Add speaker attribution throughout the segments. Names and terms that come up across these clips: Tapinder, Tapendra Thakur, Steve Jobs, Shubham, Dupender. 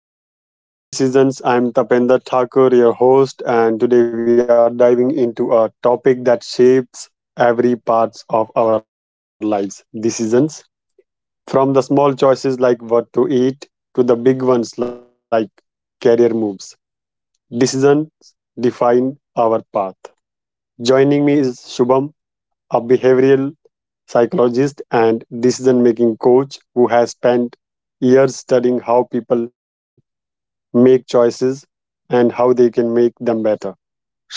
Speaker 1: Welcome to Making Better Decisions. I'm Tapendra Thakur, your host, and today we are diving into a topic that shapes every part of our lives decisions. From the small choices like what to eat to the big ones like career moves, decisions define our path. Joining me is Shubham, a behavioral psychologist and decision making coach who has spent years studying how people make choices and how they can make them better.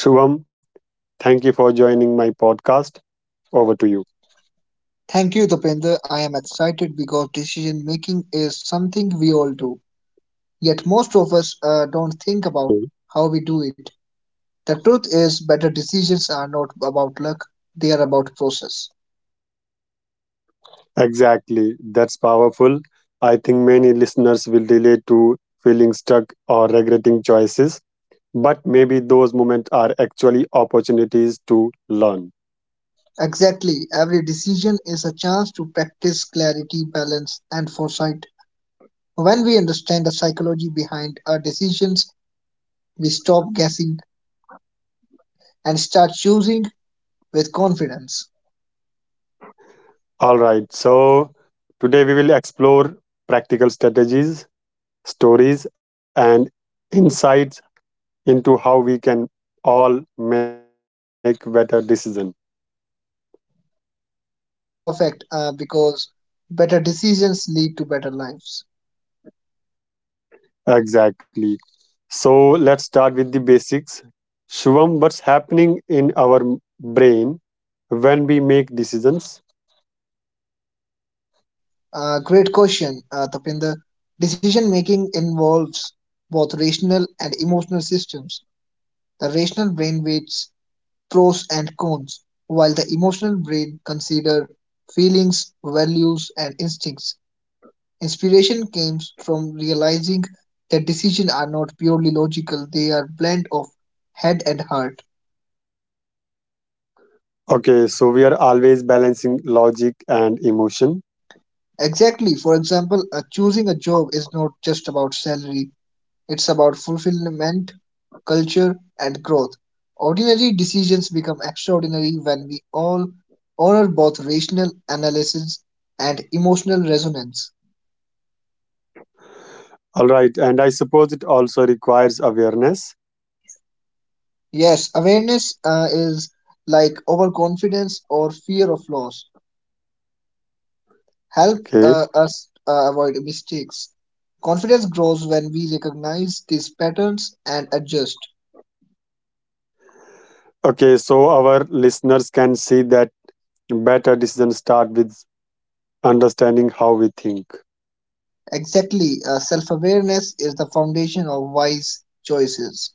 Speaker 1: Shubham, thank you for joining my podcast. Over to you.
Speaker 2: Thank you, Dupender. I am excited because decision making is something we all do, yet most of us don't think about
Speaker 1: Hmm.
Speaker 2: how we do it. The truth is, better decisions are not about luck, they are about process.
Speaker 1: Exactly. That's powerful. I think many listeners will relate to feeling stuck or regretting choices, but maybe those moments are actually opportunities to learn.
Speaker 2: Exactly, every decision is a chance to practice clarity, balance, and foresight. When we understand the psychology behind our decisions, we stop guessing and start choosing with confidence.
Speaker 1: All right. So, today we will explore practical strategies, stories, and insights into how we can all make better decisions.
Speaker 2: Perfect, because better decisions lead to better lives.
Speaker 1: Exactly. So let's start with the basics. Shubham, what's happening in our brain when we make decisions?
Speaker 2: Great question, Tapinder. Decision making involves both rational and emotional systems. The rational brain weighs pros and cons, while the emotional brain considers feelings, values, and instincts. Inspiration comes from realizing that decisions are not purely logical, they are blend of head and heart.
Speaker 1: Okay, so we are always balancing logic and emotion.
Speaker 2: Exactly. For example, choosing a job is not just about salary. It's about fulfillment, culture, and growth. Ordinary decisions become extraordinary when we all honor both rational analysis and emotional resonance.
Speaker 1: All right, and I suppose it also requires awareness.
Speaker 2: Yes, awareness is like overconfidence or fear of loss. Help
Speaker 1: Okay,
Speaker 2: us avoid mistakes. Confidence grows when we recognize these patterns and adjust.
Speaker 1: okay, so our listeners can see that better decisions start with understanding how we think.
Speaker 2: Exactly, self awareness is the foundation of wise choices.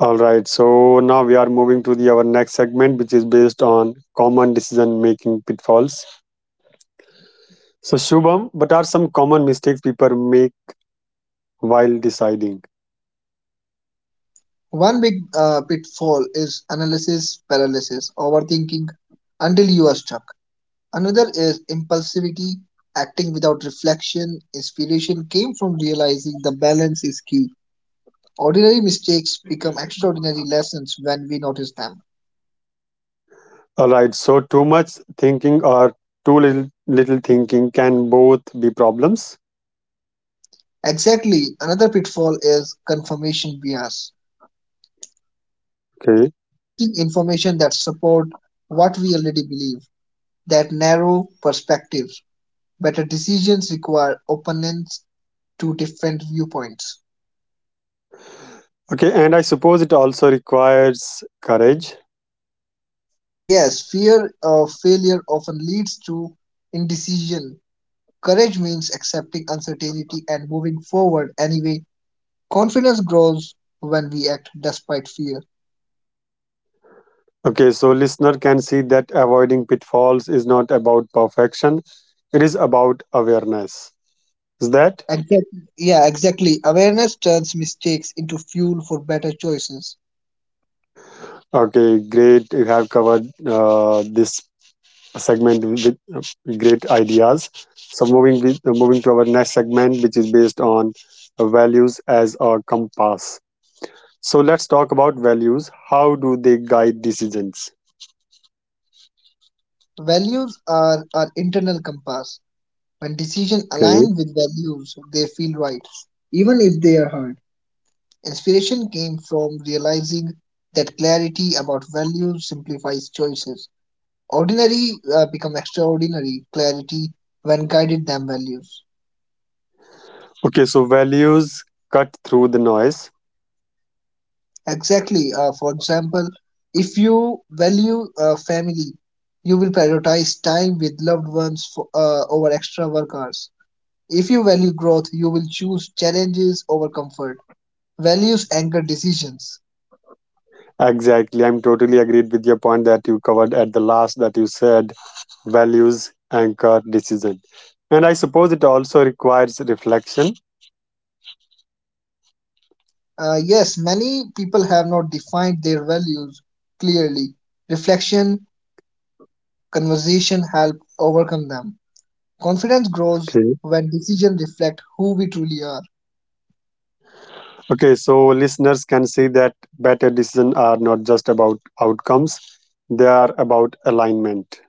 Speaker 1: All right, so now we are moving to the our next segment, which is based on common decision making pitfalls. So, Shubham, what are some common mistakes people make while deciding?
Speaker 2: One big pitfall is analysis paralysis, overthinking until you are stuck. Another is impulsivity, acting without reflection. Inspiration came from realizing the balance is key. Ordinary mistakes become extraordinary lessons when we notice them.
Speaker 1: All right, so too much thinking or too little thinking can both be problems.
Speaker 2: Exactly, another pitfall is confirmation bias,
Speaker 1: Okay.
Speaker 2: seeking information that support what we already believe. That narrow perspectives. Better decisions require openness to different viewpoints.
Speaker 1: Okay, and I suppose it also requires courage.
Speaker 2: Yes, fear of failure often leads to indecision. Courage means accepting uncertainty and moving forward anyway. Confidence grows when we act despite fear.
Speaker 1: Okay, so listener can see that avoiding pitfalls is not about perfection, it is about awareness. Is that
Speaker 2: Exact, yeah, exactly. Awareness turns mistakes into fuel for better choices.
Speaker 1: okay? Great, you have covered this segment with great ideas. So moving with, moving to our next segment, which is based on values as a compass. So let's talk about values. How do they guide decisions?
Speaker 2: Values are our internal compass. When decisions
Speaker 1: Okay.
Speaker 2: align with values, they feel right, even if they are hard. Inspiration came from realizing that clarity about values simplifies choices. Ordinary become extraordinary clarity when guided them values.
Speaker 1: Okay. So values cut through the noise.
Speaker 2: Exactly. For example, if you value family, you will prioritize time with loved ones over extra work hours. If you value growth, you will choose challenges over comfort. Values anchor decisions.
Speaker 1: Exactly. I'm totally agreed with your point that you covered at the last that you said values anchor decision. And I suppose it also requires reflection.
Speaker 2: Yes, many people have not defined their values clearly. Reflection, conversation help overcome them. Confidence grows
Speaker 1: Okay.
Speaker 2: when decisions reflect who we truly are.
Speaker 1: Okay, so listeners can see that better decisions are not just about outcomes, they are about alignment.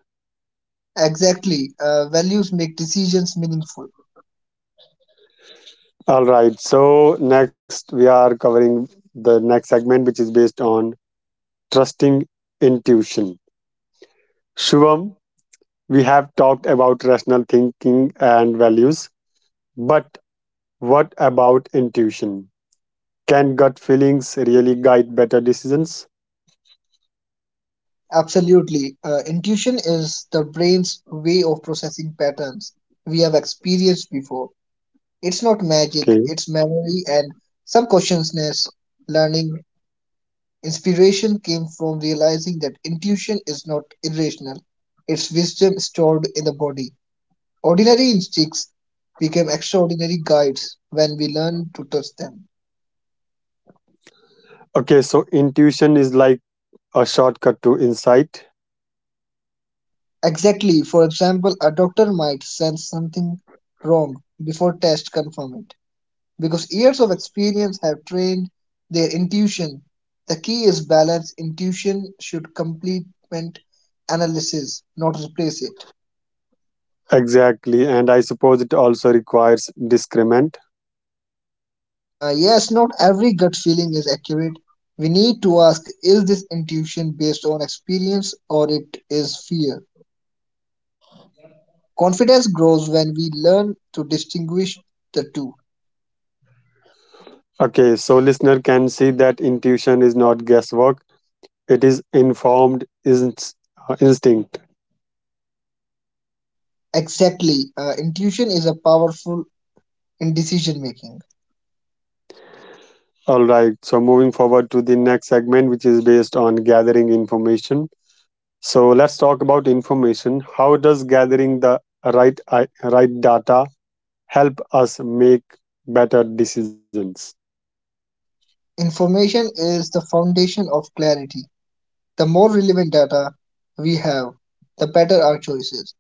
Speaker 2: Exactly. Values make decisions meaningful.
Speaker 1: All right, so next we are covering the next segment, which is based on trusting intuition. Shubham, we have talked about rational thinking and values, but what about intuition? Can gut feelings really guide better decisions?
Speaker 2: Absolutely. Intuition is the brain's way of processing patterns we have experienced before. It's not magic,
Speaker 1: Okay,
Speaker 2: it's memory and subconsciousness learning. Inspiration came from realizing that intuition is not irrational, it's wisdom stored in the body. Ordinary instincts became extraordinary guides when we learn to trust them.
Speaker 1: okay, so intuition is like a shortcut to insight.
Speaker 2: Exactly. For example, a doctor might sense something wrong before tests confirm it because years of experience have trained their intuition. The key is balance. Intuition should complement analysis, not replace it.
Speaker 1: Exactly, and I suppose it also requires discernment.
Speaker 2: Yes, not every gut feeling is accurate. We need to ask is this intuition based on experience or it is fear? Confidence grows when we learn to distinguish the two.
Speaker 1: Okay, so listener can see that intuition is not guesswork; it is informed instinct.
Speaker 2: Exactly. Intuition is a powerful in decision making.
Speaker 1: All right. So moving forward to the next segment, which is based on gathering information. So let's talk about information. How does gathering the right data help us make better decisions?
Speaker 2: Information is the foundation of clarity. The more relevant data we have, the better our choices.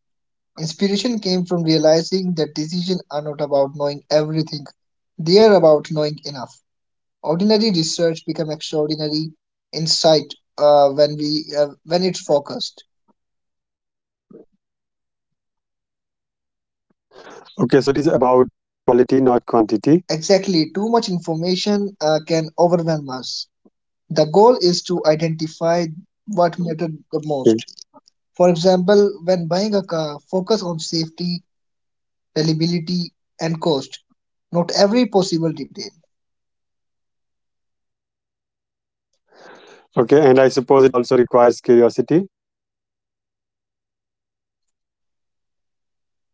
Speaker 2: Inspiration came from realizing that decisions are not about knowing everything, they are about knowing enough. Ordinary research becomes extraordinary insight when it's focused.
Speaker 1: Okay, so it is about quality, not quantity.
Speaker 2: Exactly, too much information can overwhelm us. The goal is to identify what mattered the most. For example, when buying a car, focus on safety, reliability, and cost. Note every possible detail.
Speaker 1: Okay, and I suppose it also requires curiosity.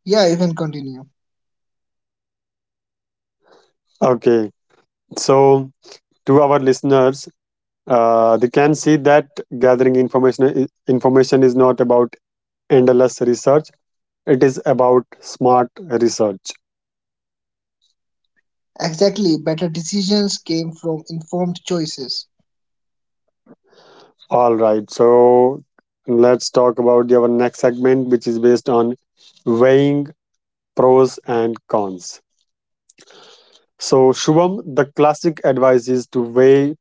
Speaker 2: Yeah, you can continue.
Speaker 1: Okay, so to our listeners, they can see that gathering information is not about endless research; it is about smart research.
Speaker 2: Exactly, better decisions came from informed choices.
Speaker 1: All right, so let's talk about our next segment, which is based on weighing pros and cons. So, Shubham, the classic advice is to weigh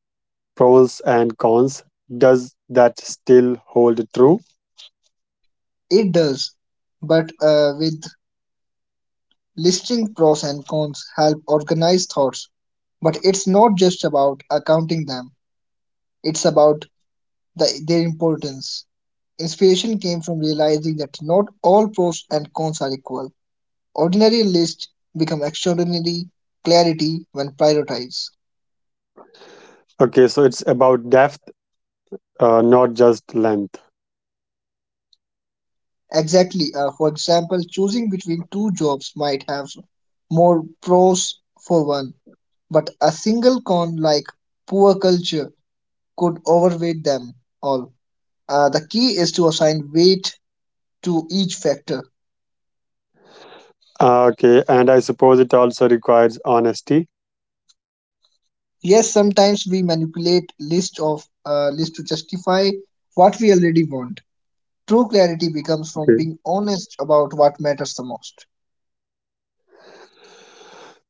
Speaker 1: pros and cons. Does that still hold true?
Speaker 2: It does, but with listing pros and cons help organize thoughts. But it's not just about accounting them; it's about their importance. Inspiration came from realizing that not all pros and cons are equal. Ordinary lists become extraordinary clarity when prioritized.
Speaker 1: Okay, so it's about depth, not just length.
Speaker 2: Exactly, for example, choosing between two jobs might have more pros for one, but a single con like poor culture could overweight them all. The key is to assign weight to each factor.
Speaker 1: Okay, and I suppose it also requires honesty.
Speaker 2: Yes, sometimes we manipulate list to justify what we already want. True clarity becomes from
Speaker 1: Okay.
Speaker 2: being honest about what matters the most.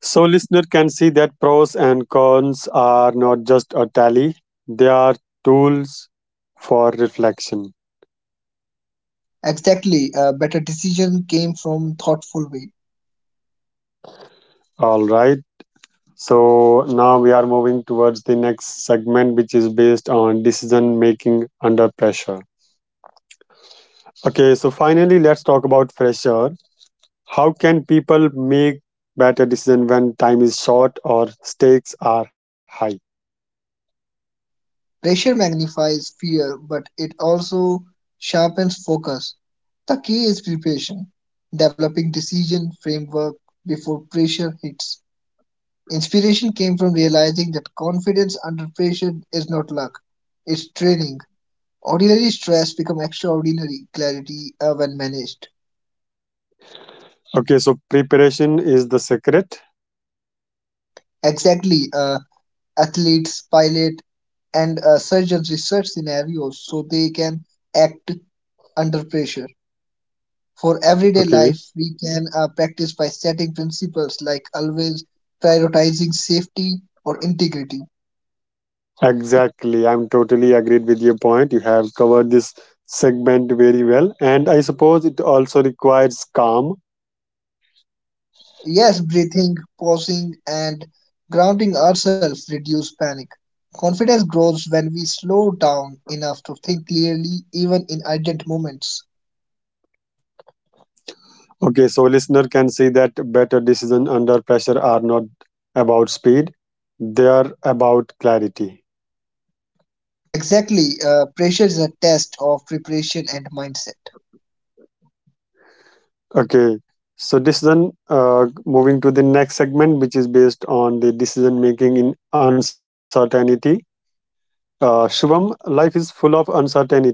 Speaker 1: So listener can see that pros and cons are not just a tally; they are tools for reflection.
Speaker 2: Exactly, a better decision came from thoughtful way.
Speaker 1: All right. So now we are moving towards the next segment, which is based on decision making under pressure. Okay, so finally, let's talk about pressure. How can people make better decision when time is short or stakes are high?
Speaker 2: Pressure magnifies fear, but it also sharpens focus. The key is preparation, developing decision framework before pressure hits. Inspiration came from realizing that confidence under pressure is not luck, it's training. Ordinary stress become extraordinary clarity when managed.
Speaker 1: Okay, so preparation is the secret.
Speaker 2: Exactly, athletes, pilot, and surgeons research scenarios so they can act under pressure. For everyday
Speaker 1: Okay,
Speaker 2: life, we can practice by setting principles like always prioritizing safety or integrity.
Speaker 1: exactly. I'm totally agreed with your point. You have covered this segment very well, and I suppose it also requires calm.
Speaker 2: Yes, breathing, pausing, and grounding ourselves reduce panic. Confidence grows when we slow down enough to think clearly, even in urgent moments.
Speaker 1: Okay, so listener can see that better decision under pressure are not about speed; they are about clarity.
Speaker 2: Exactly, pressure is a test of preparation and mindset.
Speaker 1: Okay. So decision. Then moving to the next segment, which is based on the decision making in uncertainty. Shubham, life is full of uncertainty.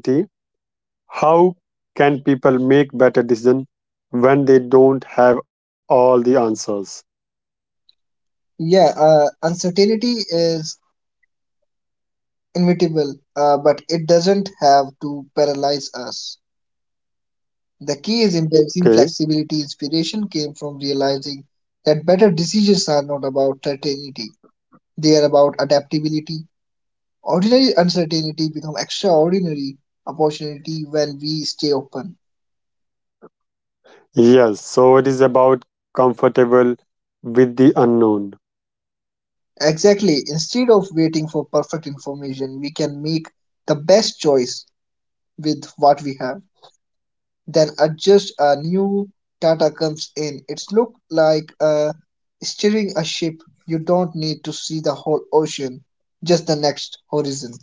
Speaker 1: How can people make better decision when they don't have all the answers?
Speaker 2: Yeah, uncertainty is inevitable, but it doesn't have to paralyze us. The key is
Speaker 1: Okay.
Speaker 2: embracing flexibility. Inspiration came from realizing that better decisions are not about certainty, they are about adaptability. Ordinary uncertainty becomes extraordinary opportunity when we stay open.
Speaker 1: Yes. So it is about comfortable with the unknown.
Speaker 2: Exactly, instead of waiting for perfect information, we can make the best choice with what we have. Then adjust a new data comes in. It's look like steering a ship. You don't need to see the whole ocean, just the next horizon.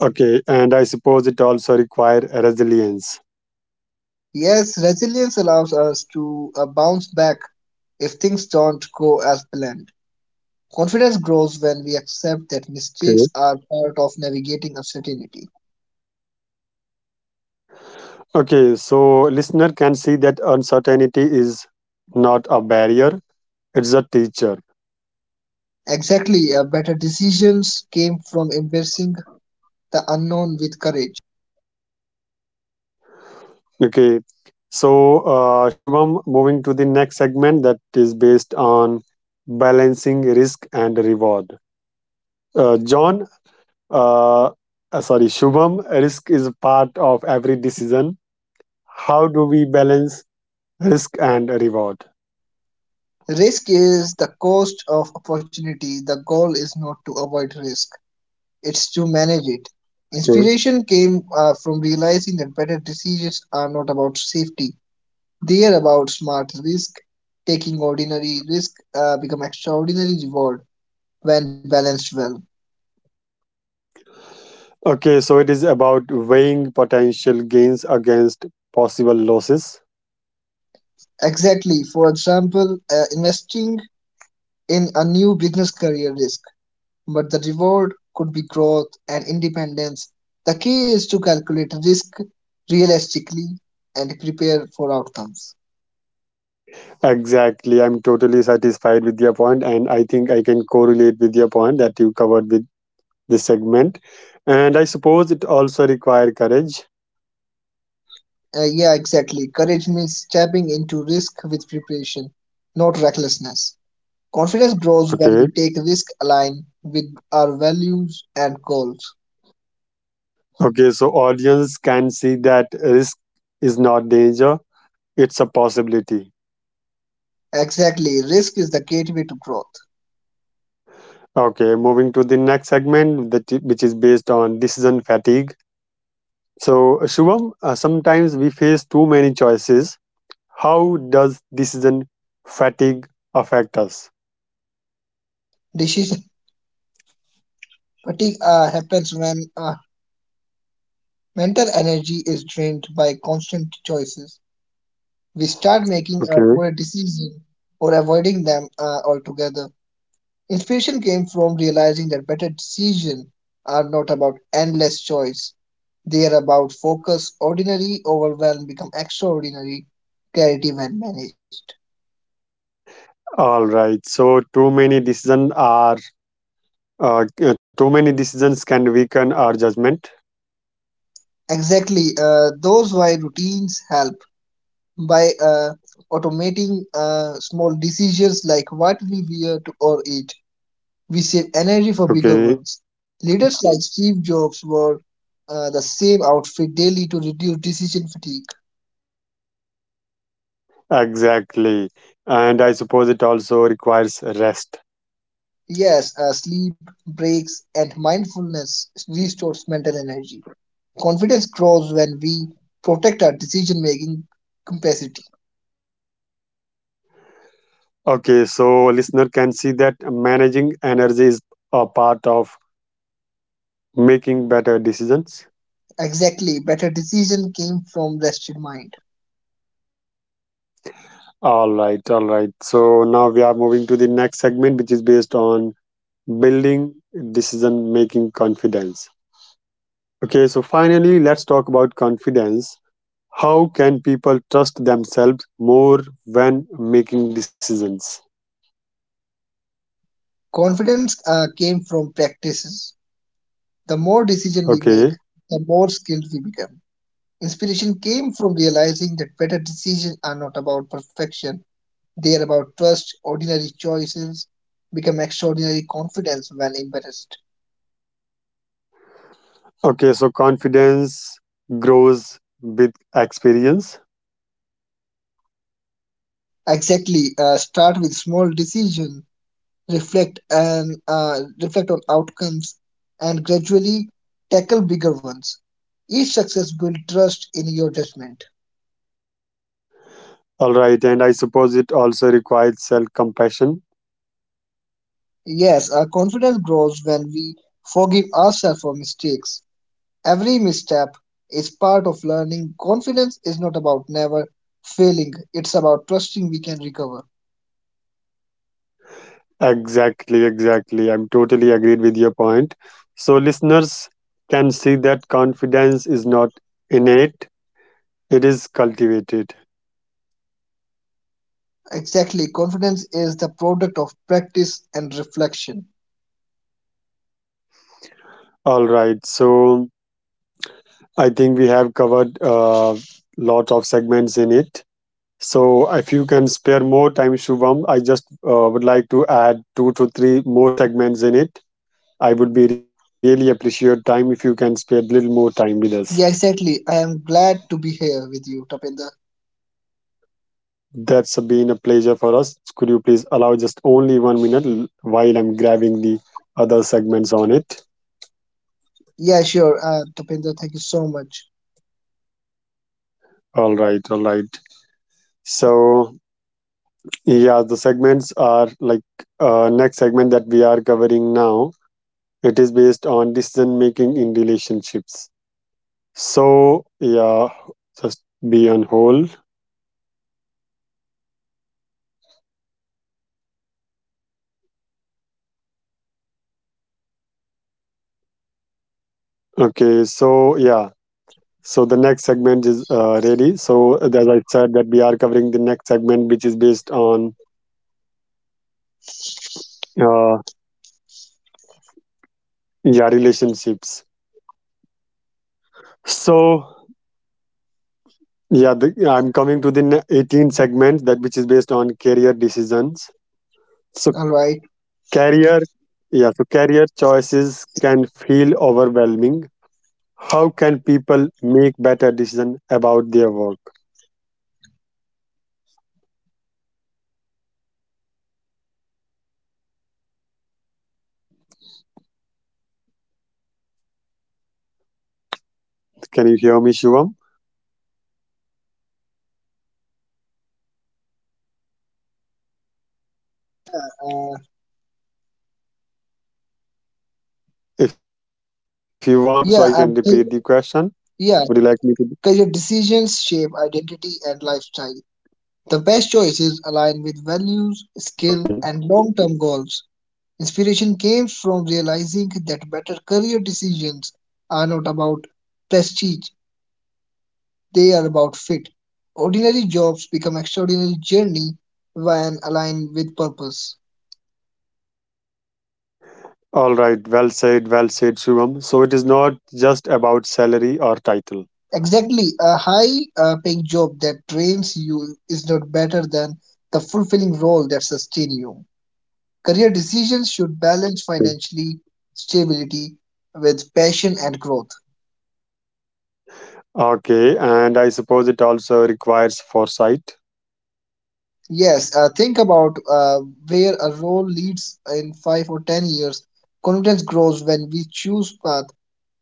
Speaker 1: Okay. And I suppose it also require resilience.
Speaker 2: Yes, resilience allows us to bounce back if things don't go as planned. Confidence grows when we accept
Speaker 1: Okay.
Speaker 2: that mistakes are part of navigating uncertainty.
Speaker 1: Okay, so listener can see that uncertainty is not a barrier; it's a teacher.
Speaker 2: Exactly, better decisions came from embracing the unknown with courage.
Speaker 1: Okay, so Shubham, moving to the next segment that is based on balancing risk and reward. Uh, John, uh, sorry, Shubham, risk is a part of every decision. How do we balance risk and reward?
Speaker 2: Risk is the cost of opportunity. The goal is not to avoid risk, it's to manage it.
Speaker 1: Okay.
Speaker 2: Inspiration came from realizing that better decisions are not about safety, they are about smart risk. Taking ordinary risk become extraordinary reward when balanced well.
Speaker 1: Okay, so it is about weighing potential gains against possible losses.
Speaker 2: Exactly. For example, investing in a new business career risk but the reward could be growth and independence. The key is to calculate risk realistically and prepare for outcomes.
Speaker 1: Exactly. I'm totally satisfied with your point, and I think I can correlate with your point that you covered with this segment. And I suppose it also require courage.
Speaker 2: Yeah, exactly. Courage means stepping into risk with preparation, not recklessness. Confidence grows when
Speaker 1: Okay.
Speaker 2: we take risk aligned with our values and goals.
Speaker 1: Okay. So audience can see that risk is not danger; it's a possibility.
Speaker 2: Exactly, risk is the gateway to growth.
Speaker 1: Okay. Moving to the next segment, which is based on decision fatigue. So Shubham, sometimes we face too many choices. How does decision fatigue affect us?
Speaker 2: Decision fatigue happens when mental energy is drained by constant choices. We start making poor
Speaker 1: Okay.
Speaker 2: decisions or avoiding them altogether. Inspiration came from realizing that better decisions are not about endless choice. They are about focus. Ordinary overwhelm become extraordinary, clarity when managed.
Speaker 1: All right. So too many decisions can weaken our judgment.
Speaker 2: Exactly. Those why routines help by automating small decisions like what we wear to or eat. We save energy for bigger ones.
Speaker 1: Okay.
Speaker 2: Leaders like Steve Jobs wore the same outfit daily to reduce decision fatigue.
Speaker 1: Exactly. And I suppose it also requires rest.
Speaker 2: Yes, sleep, breaks, and mindfulness restores mental energy. Confidence grows when we protect our decision making capacity.
Speaker 1: Okay. So listener can see that managing energy is a part of making better decisions.
Speaker 2: Exactly, better decision came from rested mind.
Speaker 1: All right. All right. So now we are moving to the next segment, which is based on building decision making confidence. Okay. So finally, let's talk about confidence. How can people trust themselves more when making decisions?
Speaker 2: Confidence came from practices. The more decision we
Speaker 1: Okay.
Speaker 2: make, the more skilled we become. Inspiration came from realizing that better decisions are not about perfection, they are about trust. Ordinary choices become extraordinary confidence when embraced.
Speaker 1: Okay. So confidence grows with experience.
Speaker 2: Exactly. Start with small decisions, reflect on outcomes, and gradually tackle bigger ones. Each success builds trust in your judgment.
Speaker 1: All right. And I suppose it also requires self compassion.
Speaker 2: Yes, our confidence grows when we forgive ourselves for mistakes. Every misstep is part of learning. Confidence is not about never failing, it's about trusting we can recover.
Speaker 1: Exactly. Exactly. I'm totally agreed with your point. So listeners can see that confidence is not innate, it is cultivated.
Speaker 2: Exactly, confidence is the product of practice and reflection.
Speaker 1: All right. So I think we have covered a lot of segments in it. So, if you can spare more time, Shubham, I just would like to add two to three more segments in it. I would be really appreciate time if you can spare little more time with us.
Speaker 2: Yeah, exactly. I am glad to be here with you, Tapinder.
Speaker 1: That's been a pleasure for us. Could you please allow just only 1 minute while I'm grabbing the other segments on it?
Speaker 2: Yeah, sure. Tapinder, thank you so much.
Speaker 1: All right, all right. So, yeah, the segments are like next segment that we are covering now. It is based on decision making in relationships. So yeah, just be on hold. Okay, so yeah, so the next segment is ready. So as I said, that we are covering the next segment, which is based on uh, yeah relationships. So yeah, I'm coming to the 18 segment that which is based on career decisions. So
Speaker 2: All right.
Speaker 1: career, yeah, so career choices can feel overwhelming. How can people make better decision about their work? Can you hear me, Shivam?
Speaker 2: Uh,
Speaker 1: If you want, so
Speaker 2: yeah,
Speaker 1: I
Speaker 2: uh,
Speaker 1: can repeat
Speaker 2: ca-
Speaker 1: the question.
Speaker 2: yeah.
Speaker 1: Would you like me to?
Speaker 2: Career decisions shape identity and lifestyle. The best choices align with values,
Speaker 1: Okay.
Speaker 2: skill, and long-term goals. Inspiration came from realizing that better career decisions are not about prestige, they are about fit. Ordinary jobs become extraordinary journey when aligned with purpose.
Speaker 1: All right. Well said. Well said, Shubham. So it is not just about salary or title.
Speaker 2: Exactly, a high paying job that drains you is not better than the fulfilling role that sustains you. Career decisions should balance
Speaker 1: Okay.
Speaker 2: financially stability with passion and growth.
Speaker 1: Okay, and I suppose it also requires foresight.
Speaker 2: Yes, think about where a role leads in 5 or 10 years. Confidence grows when we choose path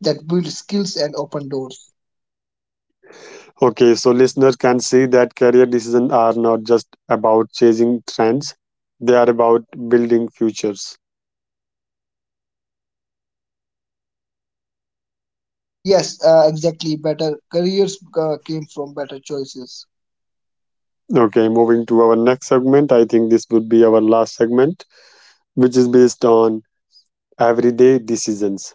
Speaker 2: that build skills and open doors.
Speaker 1: Okay. So listeners can see that career decisions are not just about chasing trends, they are about building futures.
Speaker 2: Yes, exactly. Better careers came from better choices.
Speaker 1: Okay. Moving to our next segment, I think this would be our last segment, which is based on everyday decisions.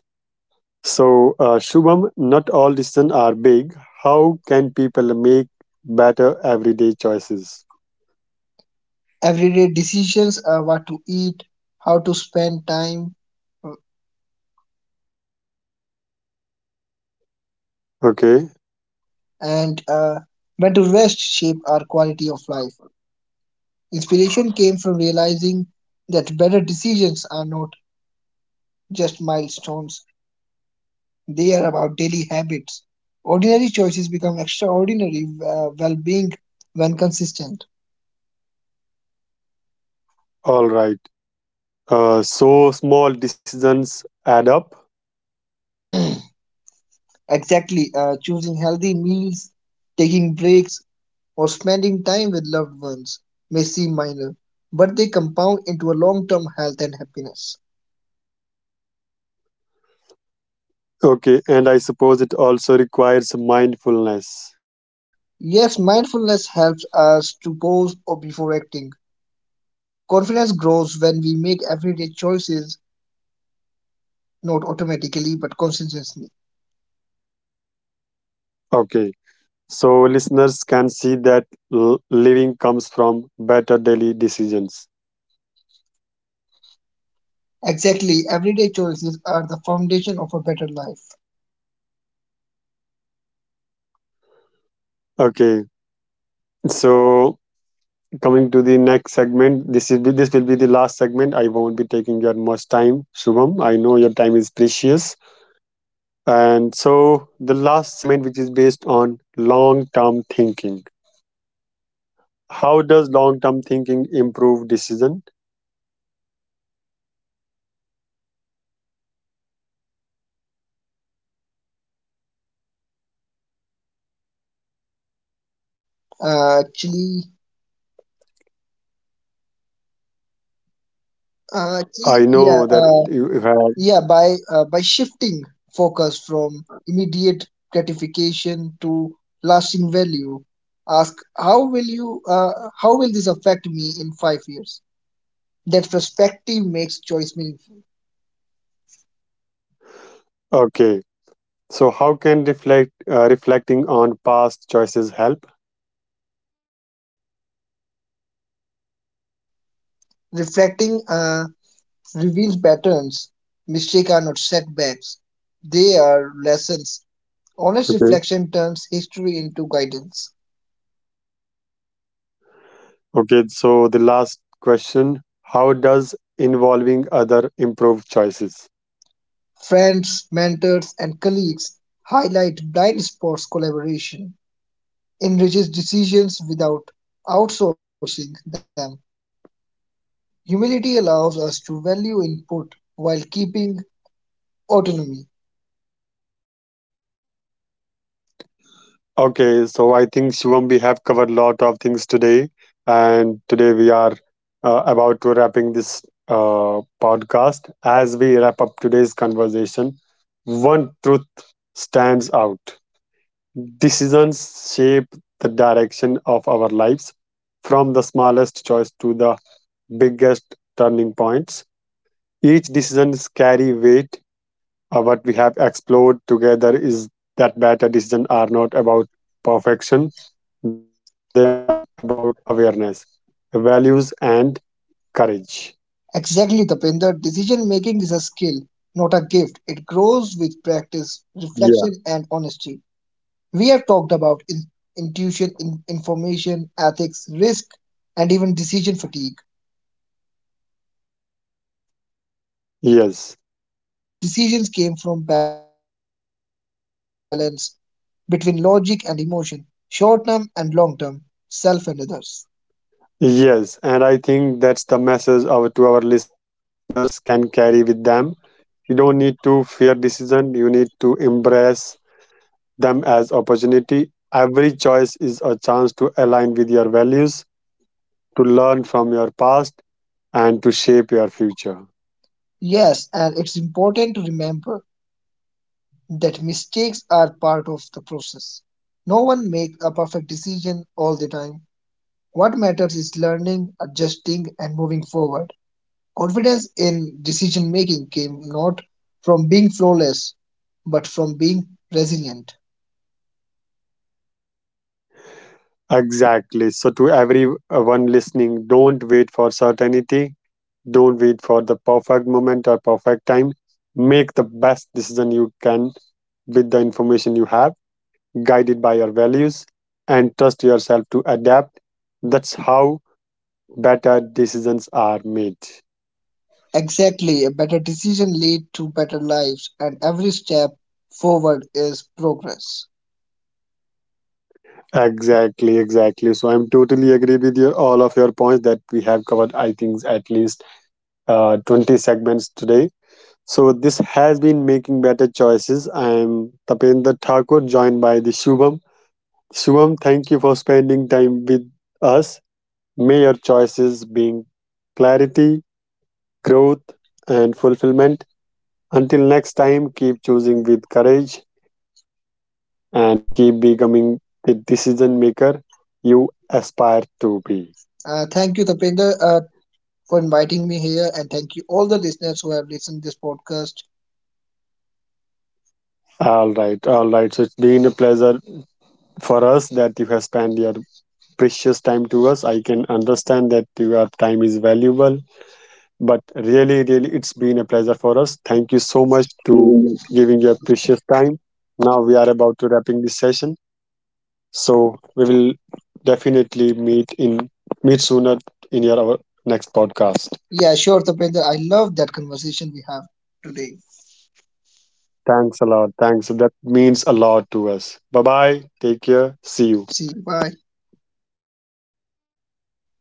Speaker 1: So, Shubham, not all decisions are big. How can people make better everyday choices?
Speaker 2: Everyday decisions, what to eat, how to spend time, uh,
Speaker 1: Okay,
Speaker 2: and when to rest shape our quality of life. Inspiration came from realizing that better decisions are not just milestones. They are about daily habits. Ordinary choices become extraordinary well being when consistent.
Speaker 1: all right. So, small decisions add up.
Speaker 2: Exactly, choosing healthy meals, taking breaks, or spending time with loved ones may seem minor, but they compound into a long term health and happiness.
Speaker 1: Okay, and I suppose it also requires mindfulness.
Speaker 2: Yes, mindfulness helps us to pause or before acting. Confidence grows when we make everyday choices, not automatically but consistently.
Speaker 1: Okay, so listeners can see that living comes from better daily decisions.
Speaker 2: Exactly, everyday choices are the foundation of a better life.
Speaker 1: Okay, so coming to the next segment. This will be the last segment. I won't be taking your much time, Shubham. I know your time is precious. And so the last segment, which is based on long-term thinking. How does long-term thinking improve decision?
Speaker 2: Uh, actually, uh, actually,
Speaker 1: I
Speaker 2: yeah,
Speaker 1: know that
Speaker 2: uh,
Speaker 1: you have
Speaker 2: yeah. By shifting focus from immediate gratification to lasting value, ask how will you how will this affect me in 5 years? That perspective makes choice meaningful.
Speaker 1: okay. So how can reflecting on past choices help?
Speaker 2: Reflecting reveals patterns. Mistakes are not setbacks; they are lessons.
Speaker 1: Okay.
Speaker 2: Honest reflection turns history into guidance.
Speaker 1: Okay. So the last question: How does involving other improve choices?
Speaker 2: Friends, mentors, and colleagues highlight blind spots collaboration, enriches decisions without outsourcing them. Humility allows us to value input while keeping autonomy.
Speaker 1: Okay, so I think Shivam, we have covered a lot of things today, and today we are about to wrapping this podcast. As we wrap up today's conversation, one truth stands out: decisions shape the direction of our lives, from the smallest choice to the biggest turning points. Each decisions carry weight. What we have explored together is that better decisions are not about perfection, they are about awareness, values, and courage.
Speaker 2: Exactly, Tapinder, decision making is a skill, not a gift. It grows with practice,
Speaker 1: Yeah.
Speaker 2: reflection, and honesty. We have talked about intuition, information, ethics, risk, and even decision fatigue. And in every case the message is
Speaker 1: Yes.
Speaker 2: clear. Better decisions came from balance between logic and emotion, short term and long term, self and others.
Speaker 1: Yes. And I think that's the message to our listeners can carry with them. You don't need to fear decision. You need to embrace them as opportunity. Every choice is a chance to align with your values, to learn from your past, and to shape your future.
Speaker 2: Yes, and it's important to remember that mistakes are part of the process. No one makes a perfect decision all the time. What matters is learning, adjusting, and moving forward. Confidence in decision making came not from being flawless, but from being resilient.
Speaker 1: Exactly. So, to everyone listening, don't wait for certainty. Don't wait for the perfect moment or perfect time. Make the best decision you can with the information you have, guided by your values, and trust yourself to adapt. That's how better decisions are made.
Speaker 2: Exactly, a better decision lead to better lives, and every step forward is progress.
Speaker 1: Exactly, exactly. So I'm totally agree with your all of your points that we have covered. I think at least 20 segments today. So this has been making better choices. I am Tapendra Thakur, joined by the Shubham. Shubham, thank you for spending time with us. May your choices bring clarity, growth, and fulfillment. Until next time, keep choosing with courage and keep becoming the decision maker you aspire to be.
Speaker 2: Thank you, Tapinder, for inviting me here, and thank you all the listeners who have listened this podcast.
Speaker 1: All right, all right. So it's been a pleasure for us that you have spent your precious time to us. I can understand that your time is valuable. But really, really, it's been a pleasure for us. Thank you so much to giving your precious time. Now we are about to wrapping this session, so we will definitely meet sooner in your our next podcast.
Speaker 2: Yeah, sure, Tapinder, I love that conversation we have today.
Speaker 1: Thanks a lot. Thanks. That means a lot to us. Bye bye. Take care. See you.
Speaker 2: See you. Bye.
Speaker 1: Bye.